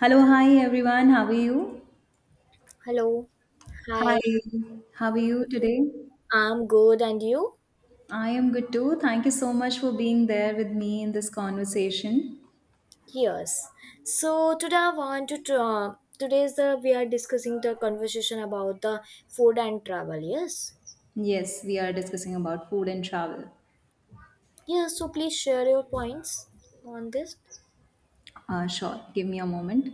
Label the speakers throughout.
Speaker 1: Hello, hi everyone. How are you?
Speaker 2: Hello. Hi.
Speaker 1: Hi, how are you today?
Speaker 2: I'm good, and you?
Speaker 1: I am good too. Thank you so much for being there with me in this conversation.
Speaker 2: Yes. So today I want to today is the we are discussing the conversation about the food and travel. Yes.
Speaker 1: Yes, we are discussing about food and travel.
Speaker 2: Yes. So please share your points on this.
Speaker 1: Sure, give me a moment.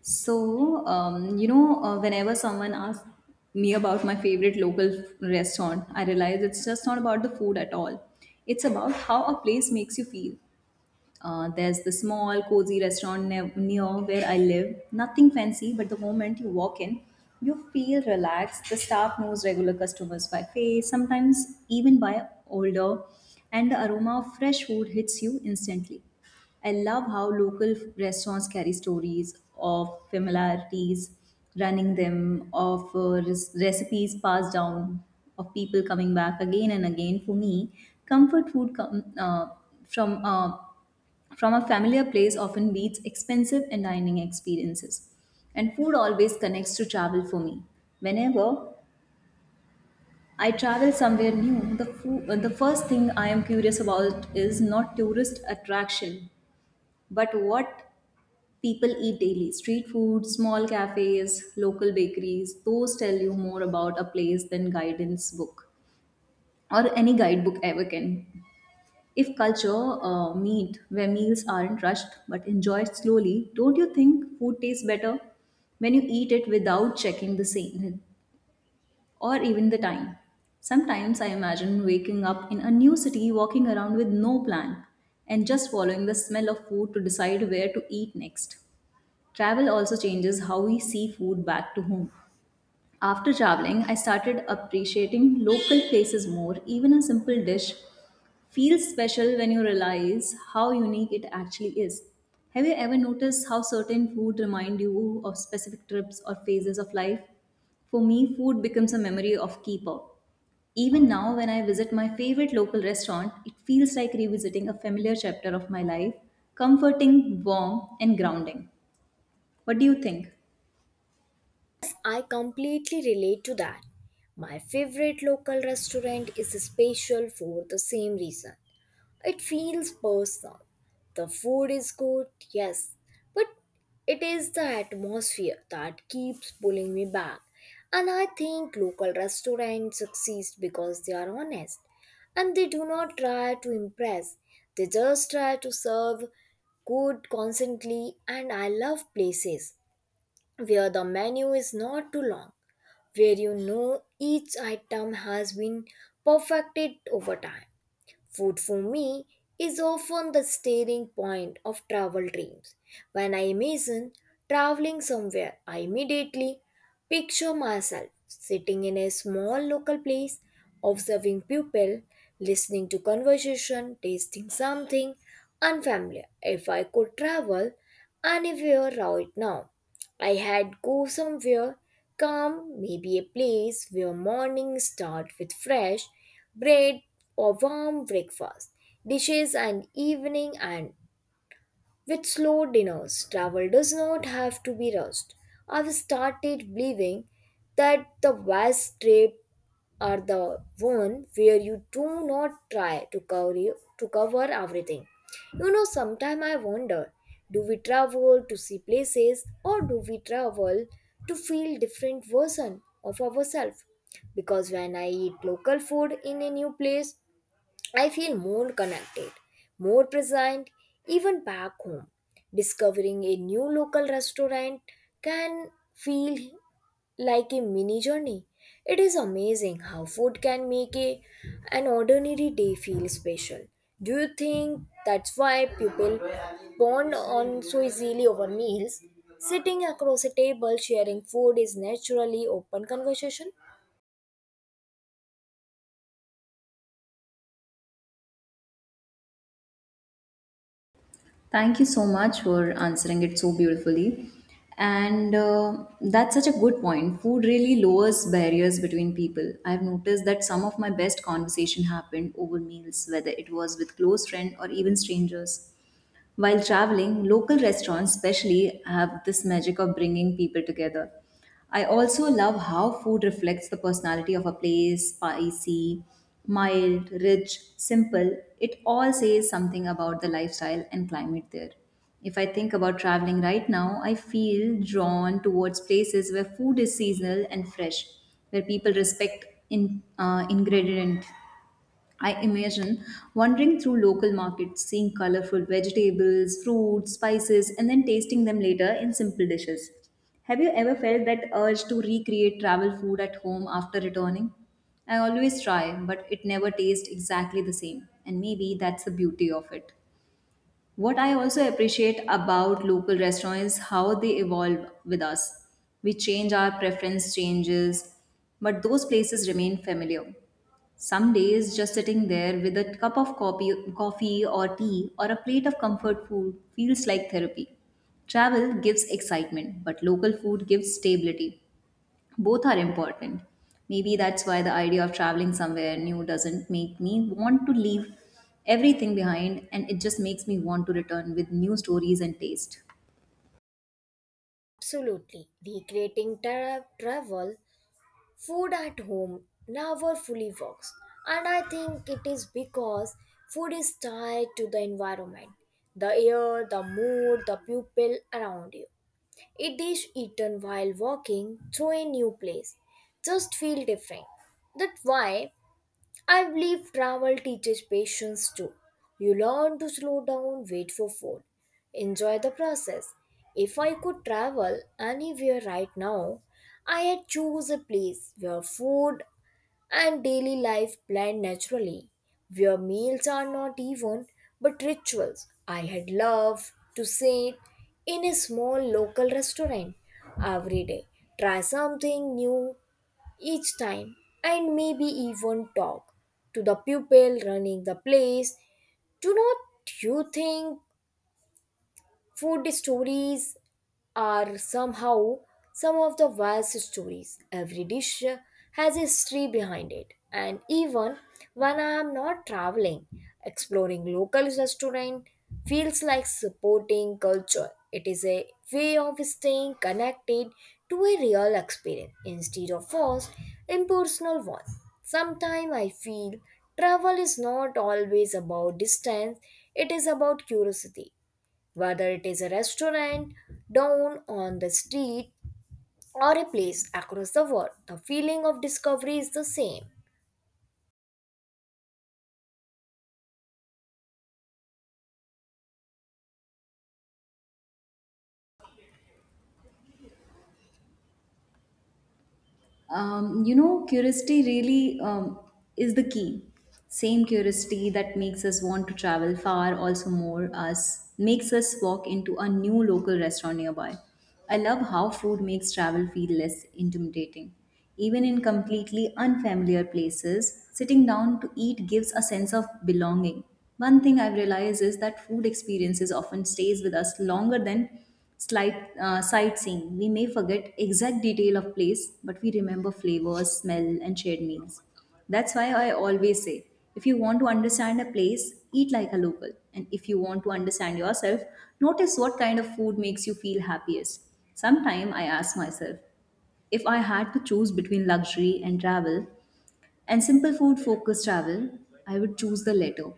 Speaker 1: Whenever someone asks me about my favorite local restaurant, I realize it's just not about the food at all. It's about how a place makes you feel. There's the small, cozy restaurant near where I live. Nothing fancy, but the moment you walk in, you feel relaxed. The staff knows regular customers by face, sometimes even by older, and the aroma of fresh food hits you instantly. I love how local restaurants carry stories of familiarities, running them, of recipes passed down, of people coming back again and again. For me, comfort food come from uh, from a familiar place often beats expensive and dining experiences. And food always connects to travel for me. Whenever I travel somewhere new, the first thing I am curious about is not tourist attraction, but what people eat daily. Street food, small cafes, local bakeries, those tell you more about a place than guidance book or any guidebook ever can. If culture meet where meals aren't rushed but enjoyed slowly, don't you think food tastes better when you eat it without checking the season or even the time? Sometimes I imagine waking up in a new city, walking around with no plan, and just following the smell of food to decide where to eat next. Travel also changes how we see food back to home. After traveling, I started appreciating local places more. Even a simple dish feels special when you realize how unique it actually is. Have you ever noticed how certain food remind you of specific trips or phases of life? For me, food becomes a memory of keeper. Even now, when I visit my favorite local restaurant, it feels like revisiting a familiar chapter of my life, comforting, warm, and grounding. What do you think?
Speaker 2: I completely relate to that. My favorite local restaurant is special for the same reason. It feels personal. The food is good, yes, but it is the atmosphere that keeps pulling me back. And I think local restaurants succeed because they are honest and they do not try to impress. They just try to serve good constantly, and I love places where the menu is not too long, where you know each item has been perfected over time. Food for me is often the steering point of travel dreams. When I imagine traveling somewhere, I immediately picture myself sitting in a small local place, observing people, listening to conversation, tasting something unfamiliar. If I could travel anywhere right now, I had go somewhere calm, maybe a place where mornings start with fresh bread or warm breakfast, dishes and evening and with slow dinners. Travel does not have to be rushed. I've started believing that the vast trip are the one where you do not try to cover everything. You know, sometimes I wonder, do we travel to see places or do we travel to feel different version of ourselves? Because when I eat local food in a new place, I feel more connected, more present, even back home. Discovering a new local restaurant can feel like a mini journey. It is amazing how food can make an ordinary day feel special. Do you think that's why people bond on so easily over meals? Sitting across a table sharing food is naturally open conversation.
Speaker 1: Thank you so much for answering it so beautifully. And that's such a good point. Food really lowers barriers between people. I've noticed that some of my best conversation happened over meals, whether it was with close friends or even strangers. While traveling, local restaurants especially have this magic of bringing people together. I also love how food reflects the personality of a place spicy, mild, rich, simple. It all says something about the lifestyle and climate there. If I think about traveling right now, I feel drawn towards places where food is seasonal and fresh, where people respect ingredient I imagine wandering through local markets, seeing colorful vegetables, fruits, spices, and then tasting them later in simple dishes. Have you ever felt that urge to recreate travel food at home after returning? I always try, but it never tastes exactly the same, and maybe that's the beauty of it. What I also appreciate about local restaurants is how they evolve with us. We change our preference changes, but those places remain familiar. Some days, just sitting there with a cup of coffee or tea or a plate of comfort food feels like therapy. Travel gives excitement, but local food gives stability. Both are important. Maybe that's why the idea of traveling somewhere new doesn't make me want to leave everything behind, and it just makes me want to return with new stories and taste.
Speaker 2: Absolutely. Recreating travel food at home never fully works, and I think it is because food is tied to the environment, the air, the mood, the people around you. A dish eaten while walking through a new place just feel different. That's why I believe travel teaches patience too. You learn to slow down, wait for food, enjoy the process. If I could travel anywhere right now, I had choose a place where food and daily life blend naturally, where meals are not even but rituals. I had loved to sit in a small local restaurant every day, try something new, each time, and maybe even talk to the pupil running the place. Do not you think food stories are somehow some of the best stories? Every dish has a history behind it. And even when I am not traveling, exploring local restaurant feels like supporting culture. It is a way of staying connected to a real experience instead of forced impersonal one. Sometimes I feel travel is not always about distance, it is about curiosity whether it is a restaurant down on the street or a place across the world. The feeling of discovery is the same.
Speaker 1: Curiosity really is the key same curiosity that makes us want to travel far also more us makes us walk into a new local restaurant nearby. I love how food makes travel feel less intimidating, even in completely unfamiliar places sitting down to eat gives a sense of belonging. One thing I've realized is that food experiences often stays with us longer than Slight sightseeing. We may forget exact detail of place, but we remember flavors, smell, and shared meals. That's why I always say, if you want to understand a place, eat like a local. And if you want to understand yourself, notice what kind of food makes you feel happiest. Sometimes I ask myself, if I had to choose between luxury and travel, and simple food focused travel, I would choose the latter.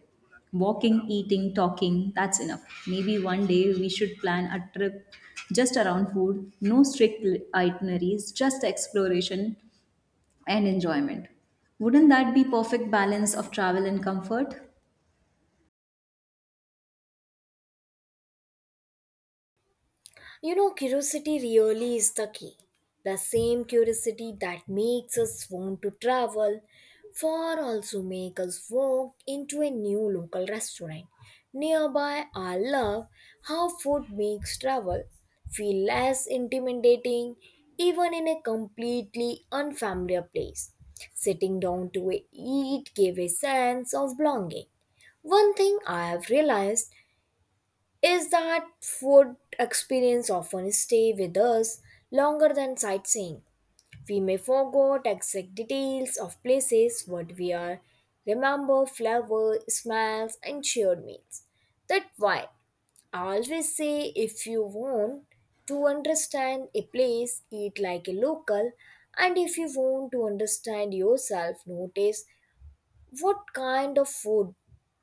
Speaker 1: Walking, eating, talking, that's enough. Maybe one day we should plan a trip just around food, no strict itineraries, just exploration and enjoyment. Wouldn't that be perfect balance of travel and comfort?
Speaker 2: You know, curiosity really is the key. The same curiosity that makes us want to travel far also make us walk into a new local restaurant nearby. I love how food makes travel feel less intimidating even in a completely unfamiliar place. Sitting down to eat gave a sense of belonging. One thing I have realized is that food experience often stay with us longer than sightseeing. We may forget exact details of places, what we are, remember flavor, smells, and shared meals. That's why I always say, if you want to understand a place, eat like a local, and if you want to understand yourself, notice what kind of food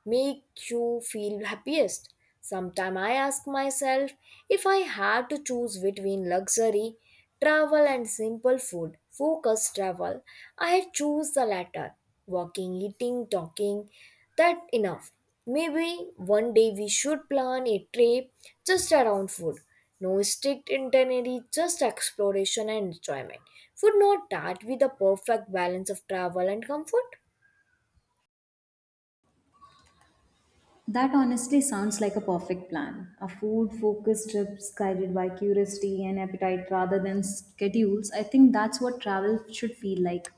Speaker 2: make you feel happiest? Sometimes I ask myself, if I had to choose between luxury, travel, and simple food, focused travel, I choose the latter. Walking, eating, talking, that enough. Maybe one day we should plan a trip just around food. No strict itinerary, just exploration and enjoyment. Would not that be the perfect balance of travel and comfort?
Speaker 1: That honestly sounds like a perfect plan. A food focused trip guided by curiosity and appetite rather than schedules. I think that's what travel should feel like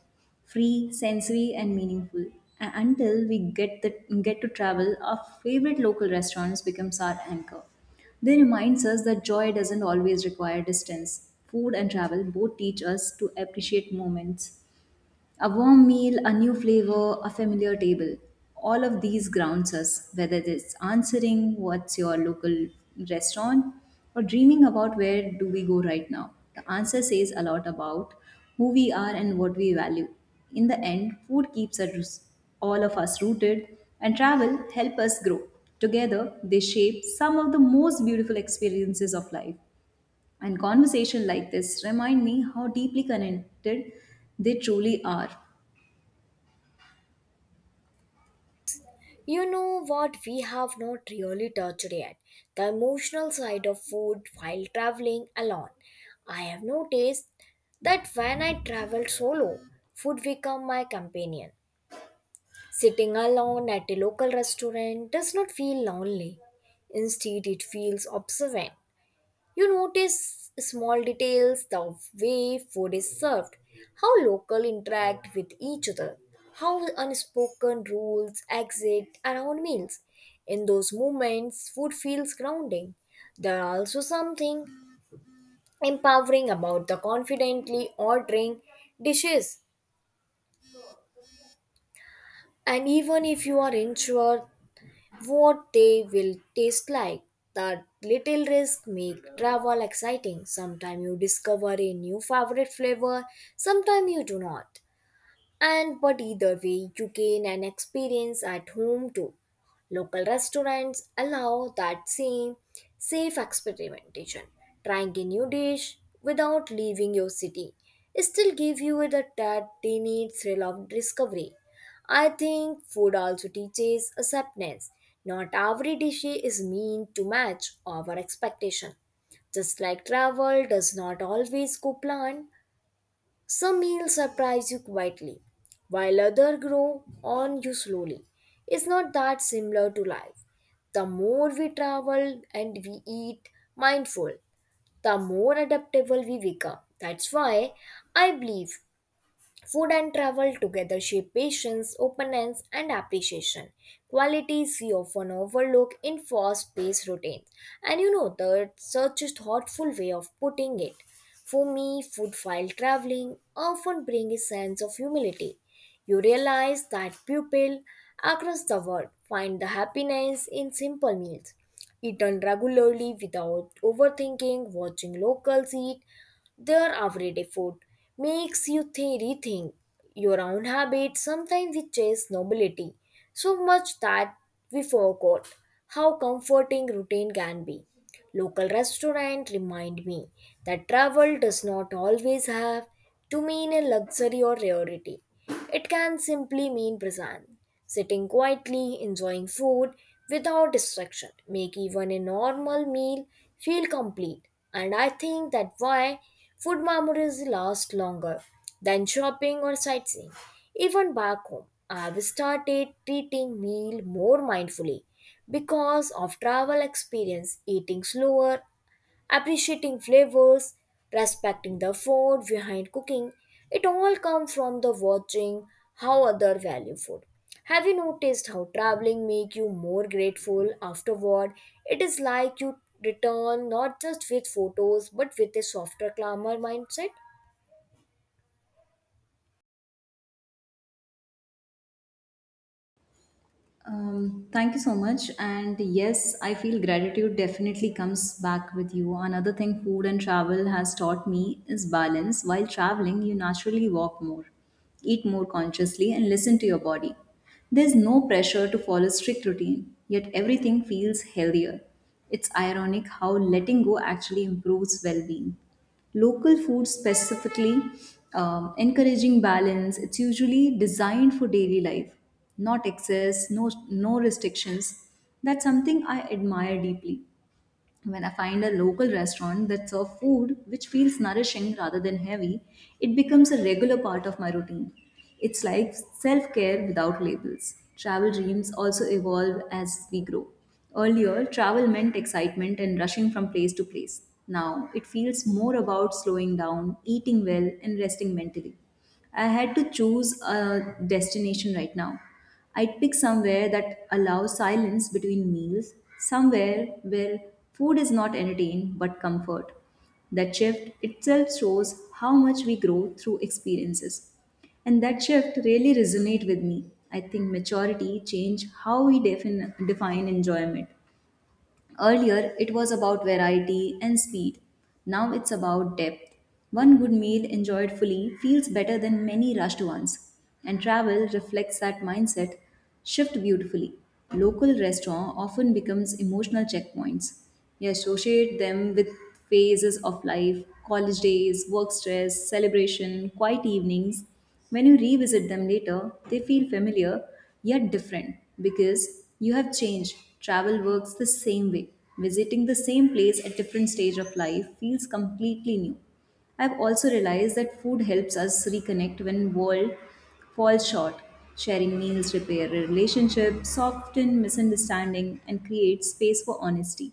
Speaker 1: free, sensory, and meaningful. And until we get to travel, our favorite local restaurants becomes our anchor. They reminds us that joy doesn't always require distance. Food and travel both teach us to appreciate moments a warm meal, a new flavor, a familiar table. All of these grounds us, whether it's answering what's your local restaurant or dreaming about where do we go right now. The answer says a lot about who we are and what we value. In the end, food keeps us, all of us rooted and travel help us grow. Together, they shape some of the most beautiful experiences of life. And conversation like this remind me how deeply connected they truly are.
Speaker 2: You know what we have not really touched yet? The emotional side of food while traveling alone. I have noticed that when I travel solo, food become my companion. Sitting alone at a local restaurant does not feel lonely. Instead, it feels observant. You notice small details, the way food is served, how local interact with each other, how unspoken rules exist around meals. In those moments, food feels grounding. There are also something empowering about the confidently ordering dishes. And even if you are unsure what they will taste like. That little risk make travel exciting. Sometimes you discover a new favorite flavor, sometimes you do not. And but either way, you gain an experience at home too. Local restaurants allow that same safe experimentation. Trying a new dish without leaving your city still give you the that tiny thrill of discovery. I think food also teaches acceptance. Not every dish is meant to match our expectation. Just like travel does not always go planned, some meals surprise you quietly, while others grow on you slowly. It's not that similar to life. The more we travel and we eat mindful, the more adaptable we become. That's why I believe food and travel together shape patience, openness, and appreciation, qualities we often overlook in fast paced routines. And you know, that such a thoughtful way of putting it. For me, food while traveling often brings a sense of humility. You realize that people across the world find the happiness in simple meals eaten regularly without overthinking, watching locals eat their everyday food makes you rethink your own habits. Sometimes we chase nobility so much that we forgot how comforting routine can be. Local restaurant remind me that travel does not always have to mean a luxury or rarity. It can simply mean presence. Sitting quietly, enjoying food without distraction, make even a normal meal feel complete. And I think that why food memories last longer than shopping or sightseeing. Even back home, I've started treating meal more mindfully because of travel experience, eating slower, appreciating flavors, respecting the food behind cooking. It all comes from the watching how other value food. Have you noticed how traveling make you more grateful afterward? It is like you return not just with photos but with a softer, calmer mindset.
Speaker 1: Thank you so much. And yes, I feel gratitude definitely comes back with you. Another thing food and travel has taught me is balance. While traveling, you naturally walk more, eat more consciously, and listen to your body. There's no pressure to follow strict routine, yet everything feels healthier. It's ironic how letting go actually improves well being local food specifically encouraging balance it's usually designed for daily life not excess no restrictions. That's something I admire deeply. When I find a local restaurant that serves food which feels nourishing rather than heavy, it becomes a regular part of my routine. It's like self care without labels. Travel dreams also evolve as we grow. Earlier, travel meant excitement and rushing from place to place. Now, it feels more about slowing down, eating well, and resting mentally. I had to choose a destination right now. I'd pick somewhere that allows silence between meals, somewhere where food is not entertained but comfort. That shift itself shows how much we grow through experiences. And that shift really resonated with me. I think maturity changed how we define enjoyment. Earlier, it was about variety and speed. Now it's about depth. One good meal enjoyed fully feels better than many rushed ones. And travel reflects that mindset shift beautifully. Local restaurant often becomes emotional checkpoints. You associate them with phases of life, college days, work stress, celebration, quiet evenings. When you revisit them later, they feel familiar yet different because you have changed. Travel works the same way. Visiting the same place at different stage of life feels completely new. I've also realized that food helps us reconnect when world falls short. Sharing meals repair relationships, soften misunderstanding, and create space for honesty.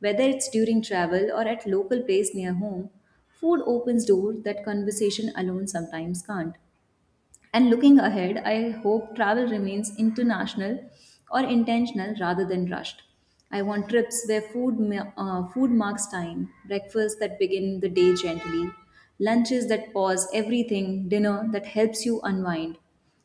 Speaker 1: Whether it's during travel or at local place near home, food opens door that conversation alone sometimes can't. And looking ahead, I hope travel remains international or intentional rather than rushed. I want trips where food marks time, breakfasts that begin the day gently, lunches that pause everything, dinner that helps you unwind.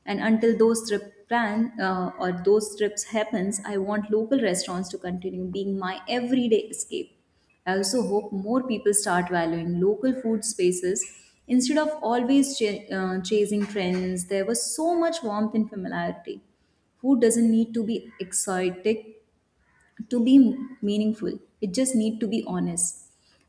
Speaker 1: And until those trip plan or those trips happens, I want local restaurants to continue being my everyday escape. I also hope more people start valuing local food spaces instead of always chasing trends. There was so much warmth and familiarity. Food doesn't need to be exotic to be meaningful. It just need to be honest.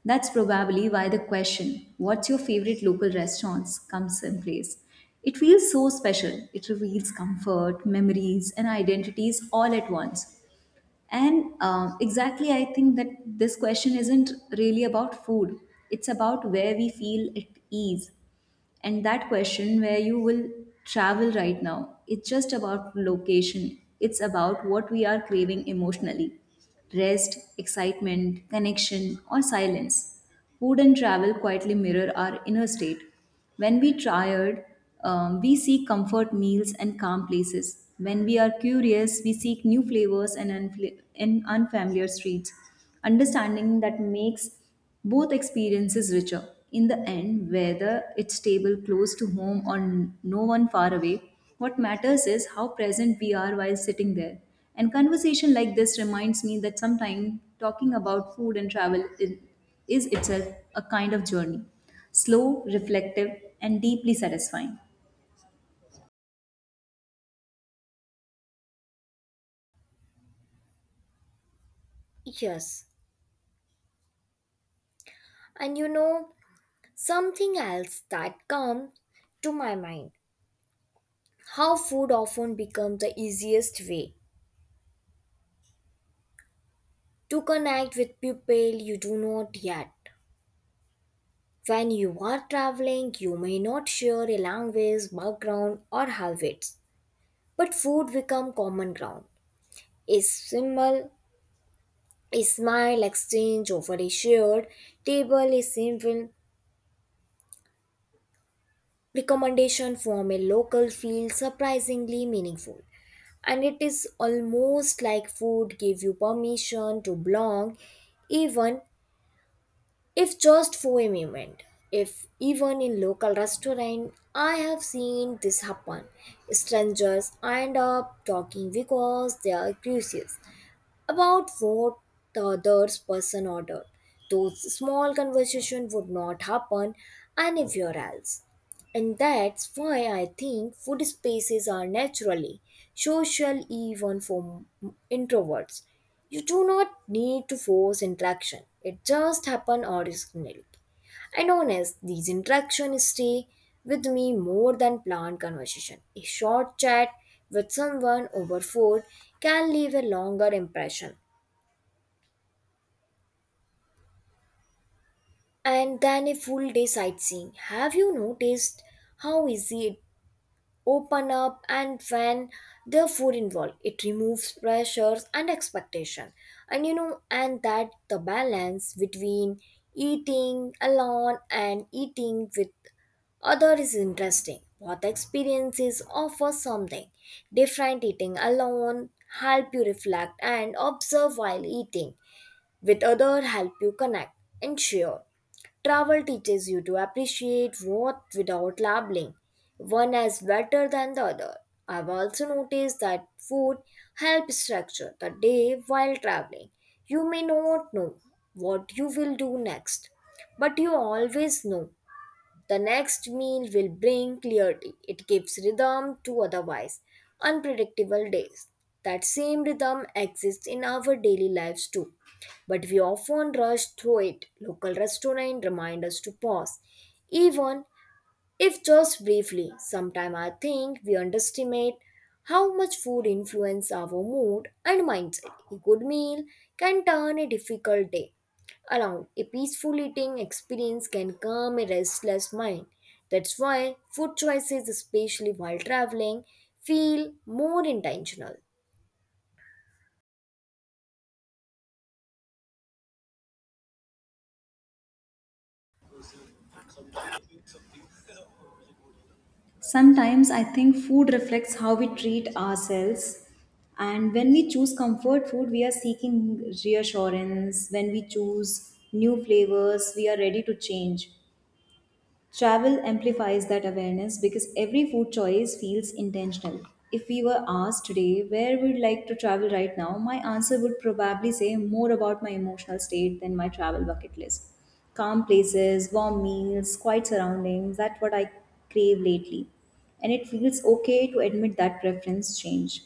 Speaker 1: That's probably why the question, what's your favorite local restaurants, comes in place. It feels so special. It reveals comfort, memories, and identities all at once. And exactly, I think that this question isn't really about food, it's about where we feel at ease. And that question where you will travel right now, it's just about location, it's about what we are craving emotionally, rest, excitement, connection, or silence. Food and travel quietly mirror our inner state. When we tired, we seek comfort meals and calm places. When we are curious we seek new flavors and unfamiliar streets. Understanding that makes both experiences richer. In the end, whether it's table close to home or no one far away, what matters is how present we are while sitting there. And conversation like this reminds me that sometimes talking about food and travel is itself a kind of journey, slow, reflective, and deeply satisfying.
Speaker 2: Yes. And you know, something else that comes to my mind, how food often becomes the easiest way to connect with people you do not yet. When you are traveling, you may not share a language, background, or habits, but food become common ground. A simple, a smile exchange over a shared table, a simple recommendation from a local feels surprisingly meaningful. And it is almost like food gave you permission to belong, even if just for a moment. If even in local restaurant, I have seen this happen, strangers end up talking because they are curious about what the other person ordered. Those small conversations would not happen anywhere else. And that's why I think food spaces are naturally social, even for introverts. You do not need to force interaction. It just happens organically. And honest, these interactions stay with me more than planned conversation. A short chat with someone over food can leave a longer impression and than a full day sightseeing. Have you noticed how easy open up, and when the food involved, it removes pressures and expectation? And you know, and that the balance between eating alone and eating with other is interesting. Both experiences offer something different. Eating alone help you reflect and observe, while eating with others help you connect and share. Travel teaches you to appreciate what without labeling one as better than the other. I've also noticed that food helps structure the day while traveling. You may not know what you will do next, but you always know the next meal will bring clarity. It gives rhythm to otherwise unpredictable days. That same rhythm exists in our daily lives too, but we often rush through it. Local restaurant remind us to pause, even if just briefly. Sometimes I think we underestimate how much food influences our mood and mindset. A good meal can turn a difficult day around. A peaceful eating experience can calm a restless mind. That's why food choices, especially while traveling, feel more intentional.
Speaker 1: Sometimes I think food reflects how we treat ourselves. And when we choose comfort food, we are seeking reassurance. When we choose new flavors, we are ready to change. Travel amplifies that awareness because every food choice feels intentional. If we were asked today where we'd like to travel right now, my answer would probably say more about my emotional state than my travel bucket list. Calm places, warm meals, quiet surroundings, that's what I crave lately. And it feels okay to admit that preference change.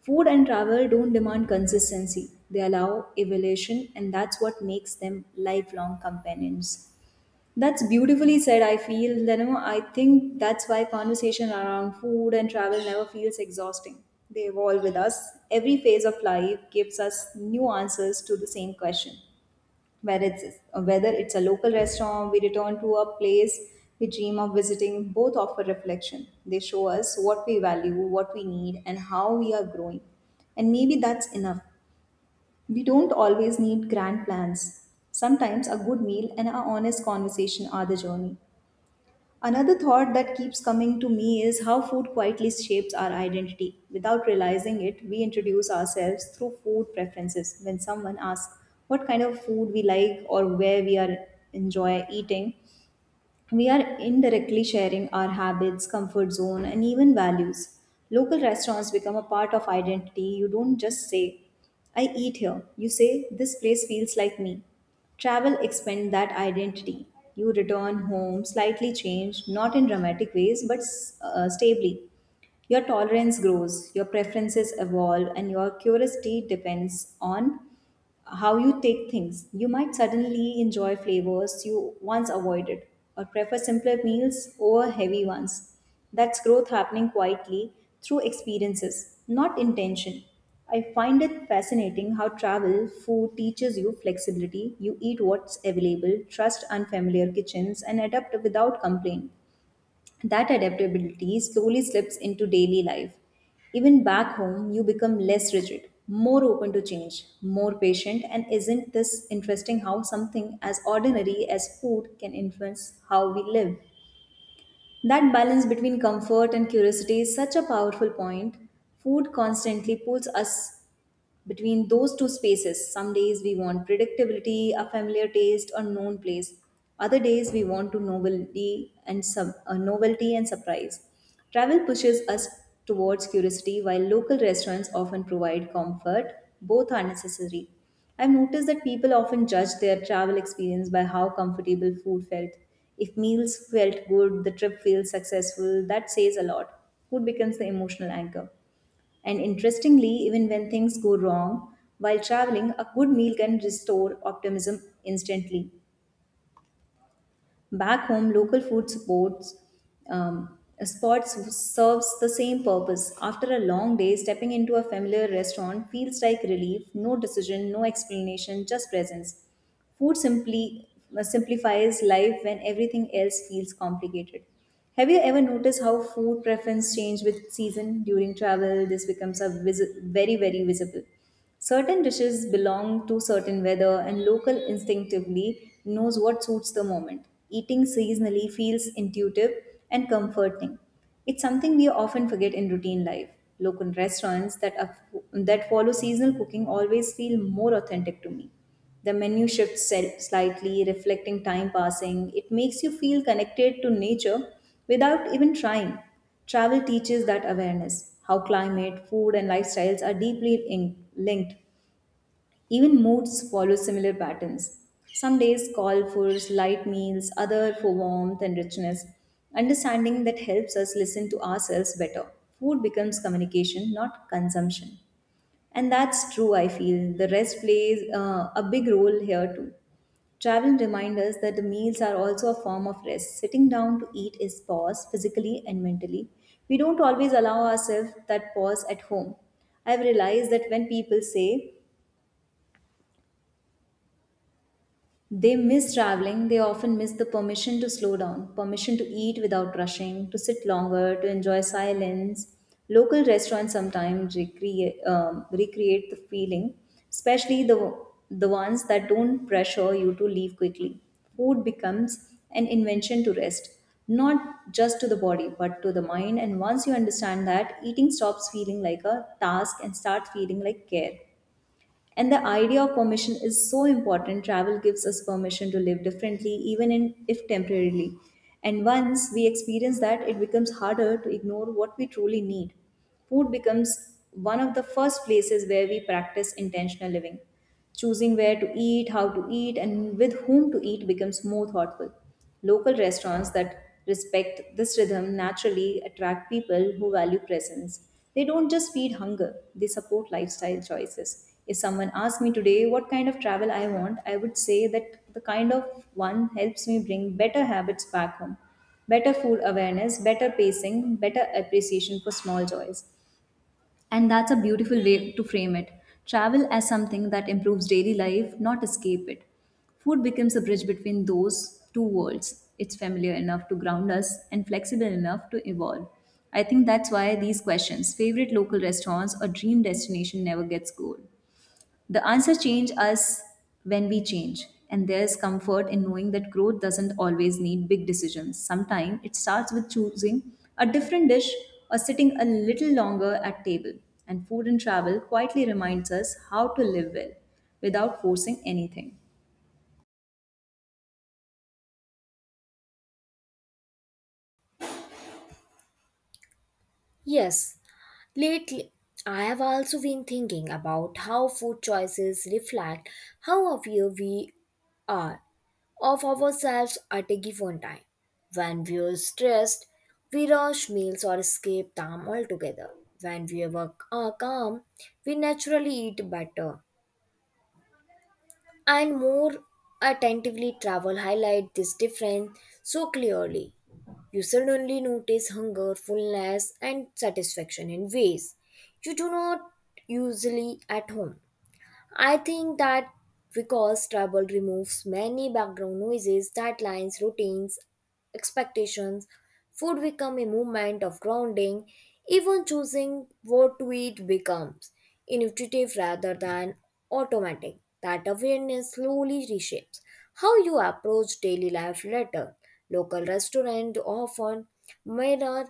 Speaker 1: Food and travel don't demand consistency, they allow evolution, and that's what makes them lifelong companions. That's beautifully said. I feel, you know, I think that's why conversation around food and travel never feels exhausting. They evolve with us. Every phase of life gives us new answers to the same question. Whether it's a local restaurant, we return to a place we dream of visiting, both offer reflection. They show us what we value, what we need, and how we are growing. And maybe that's enough. We don't always need grand plans. Sometimes a good meal and an honest conversation are the journey. Another thought that keeps coming to me is how food quietly shapes our identity. Without realizing it, we introduce ourselves through food preferences. When someone asks what kind of food we like or where we are enjoy eating, we are indirectly sharing our habits, comfort zone, and even values. Local restaurants become a part of identity. You don't just say, I eat here. You say, this place feels like me. Travel expands that identity. You return home slightly changed, not in dramatic ways, but stably. Your tolerance grows, your preferences evolve, and your curiosity depends on how you take things. You might suddenly enjoy flavors you once avoided or prefer simpler meals over heavy ones. That's growth happening quietly through experiences, not intention. I find it fascinating how travel food teaches you flexibility. You eat what's available, trust unfamiliar kitchens, and adapt without complaint. That adaptability slowly slips into daily life. Even back home, you become less rigid, more open to change, more patient, and isn't this interesting how something as ordinary as food can influence how we live? That balance between comfort and curiosity is such a powerful point. Food constantly pulls us between those two spaces. Some days we want predictability, a familiar taste, or known place. Other days we want to novelty and surprise. Travel pushes us towards curiosity, while local restaurants often provide comfort. Both are necessary. I've noticed that people often judge their travel experience by how comfortable food felt. If meals felt good, the trip feels successful, that says a lot. Food becomes the emotional anchor. And interestingly, even when things go wrong while traveling, a good meal can restore optimism instantly. Back home, local food supports spots serves the same purpose. After a long day, stepping into a familiar restaurant feels like relief. No decision, no explanation, just presence. Food simply simplifies life when everything else feels complicated. Have you ever noticed how food preference change with season during travel? This becomes a very very visible. Certain dishes belong to certain weather, and local instinctively knows what suits the moment. Eating seasonally feels intuitive and comforting. It's something we often forget in routine life. Local restaurants that follow seasonal cooking always feel more authentic to me. The menu shifts slightly, reflecting time passing. It makes you feel connected to nature without even trying. Travel teaches that awareness how climate, food, and lifestyles are deeply linked. Even moods follow similar patterns. Some days call for light meals, other for warmth and richness. Understanding that helps us listen to ourselves better. Food becomes communication, not consumption. And that's true, I feel. The rest plays a big role here too. Traveling reminds us that the meals are also a form of rest. Sitting down to eat is pause physically and mentally. We don't always allow ourselves that pause at home. I've realized that when people say they miss traveling, they often miss the permission to slow down, permission to eat without rushing, to sit longer, to enjoy silence. Local restaurants sometimes recreate the feeling, especially the ones that don't pressure you to leave quickly. Food becomes an invention to rest, not just to the body, but to the mind. And once you understand that, eating stops feeling like a task and starts feeling like care. And the idea of permission is so important. Travel gives us permission to live differently, even if temporarily. And once we experience that, it becomes harder to ignore what we truly need. Food becomes one of the first places where we practice intentional living. Choosing where to eat, how to eat, and with whom to eat becomes more thoughtful. Local restaurants that respect this rhythm naturally attract people who value presence. They don't just feed hunger, they support lifestyle choices. If someone asked me today what kind of travel I want, I would say that the kind of one helps me bring better habits back home, better food awareness, better pacing, better appreciation for small joys. And that's a beautiful way to frame it. Travel as something that improves daily life, not escape it. Food becomes a bridge between those two worlds. It's familiar enough to ground us and flexible enough to evolve. I think that's why these questions, favorite local restaurants or dream destination, never gets old. The answer change us when we change. And there's comfort in knowing that growth doesn't always need big decisions. Sometimes it starts with choosing a different dish or sitting a little longer at table. And food and travel quietly reminds us how to live well without forcing anything.
Speaker 2: Yes, lately, I have also been thinking about how food choices reflect how aware we are of ourselves at a given time. When we are stressed, we rush meals or escape them altogether. When we are calm, we naturally eat better and more attentively. Travel highlight this difference so clearly. You suddenly notice hunger, fullness, and satisfaction in ways you do not usually at home. I think that because travel removes many background noises, deadlines, routines, expectations, food become a movement of grounding. Even choosing what to eat becomes intuitive rather than automatic. That awareness slowly reshapes how you approach daily life later. Local restaurant often mirror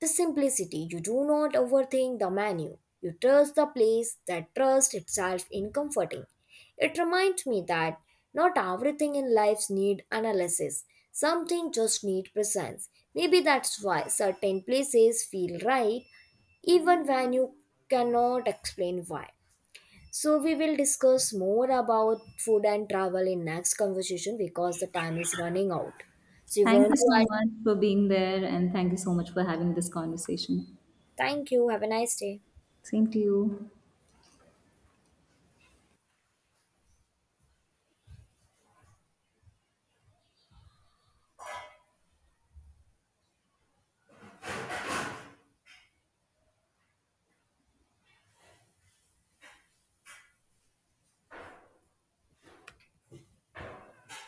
Speaker 2: the simplicity. You do not overthink the menu, you trust the place that trusts itself in comforting. It reminds me that not everything in life needs analysis. Something just need presence. Maybe that's why certain places feel right even when you cannot explain why. So we will discuss more about food and travel in next conversation because the time is running out. So you
Speaker 1: Thank
Speaker 2: want
Speaker 1: you
Speaker 2: to
Speaker 1: so
Speaker 2: add
Speaker 1: much for being there, and thank you so much for having this conversation.
Speaker 2: thank you. Have a nice day.
Speaker 1: Same to you.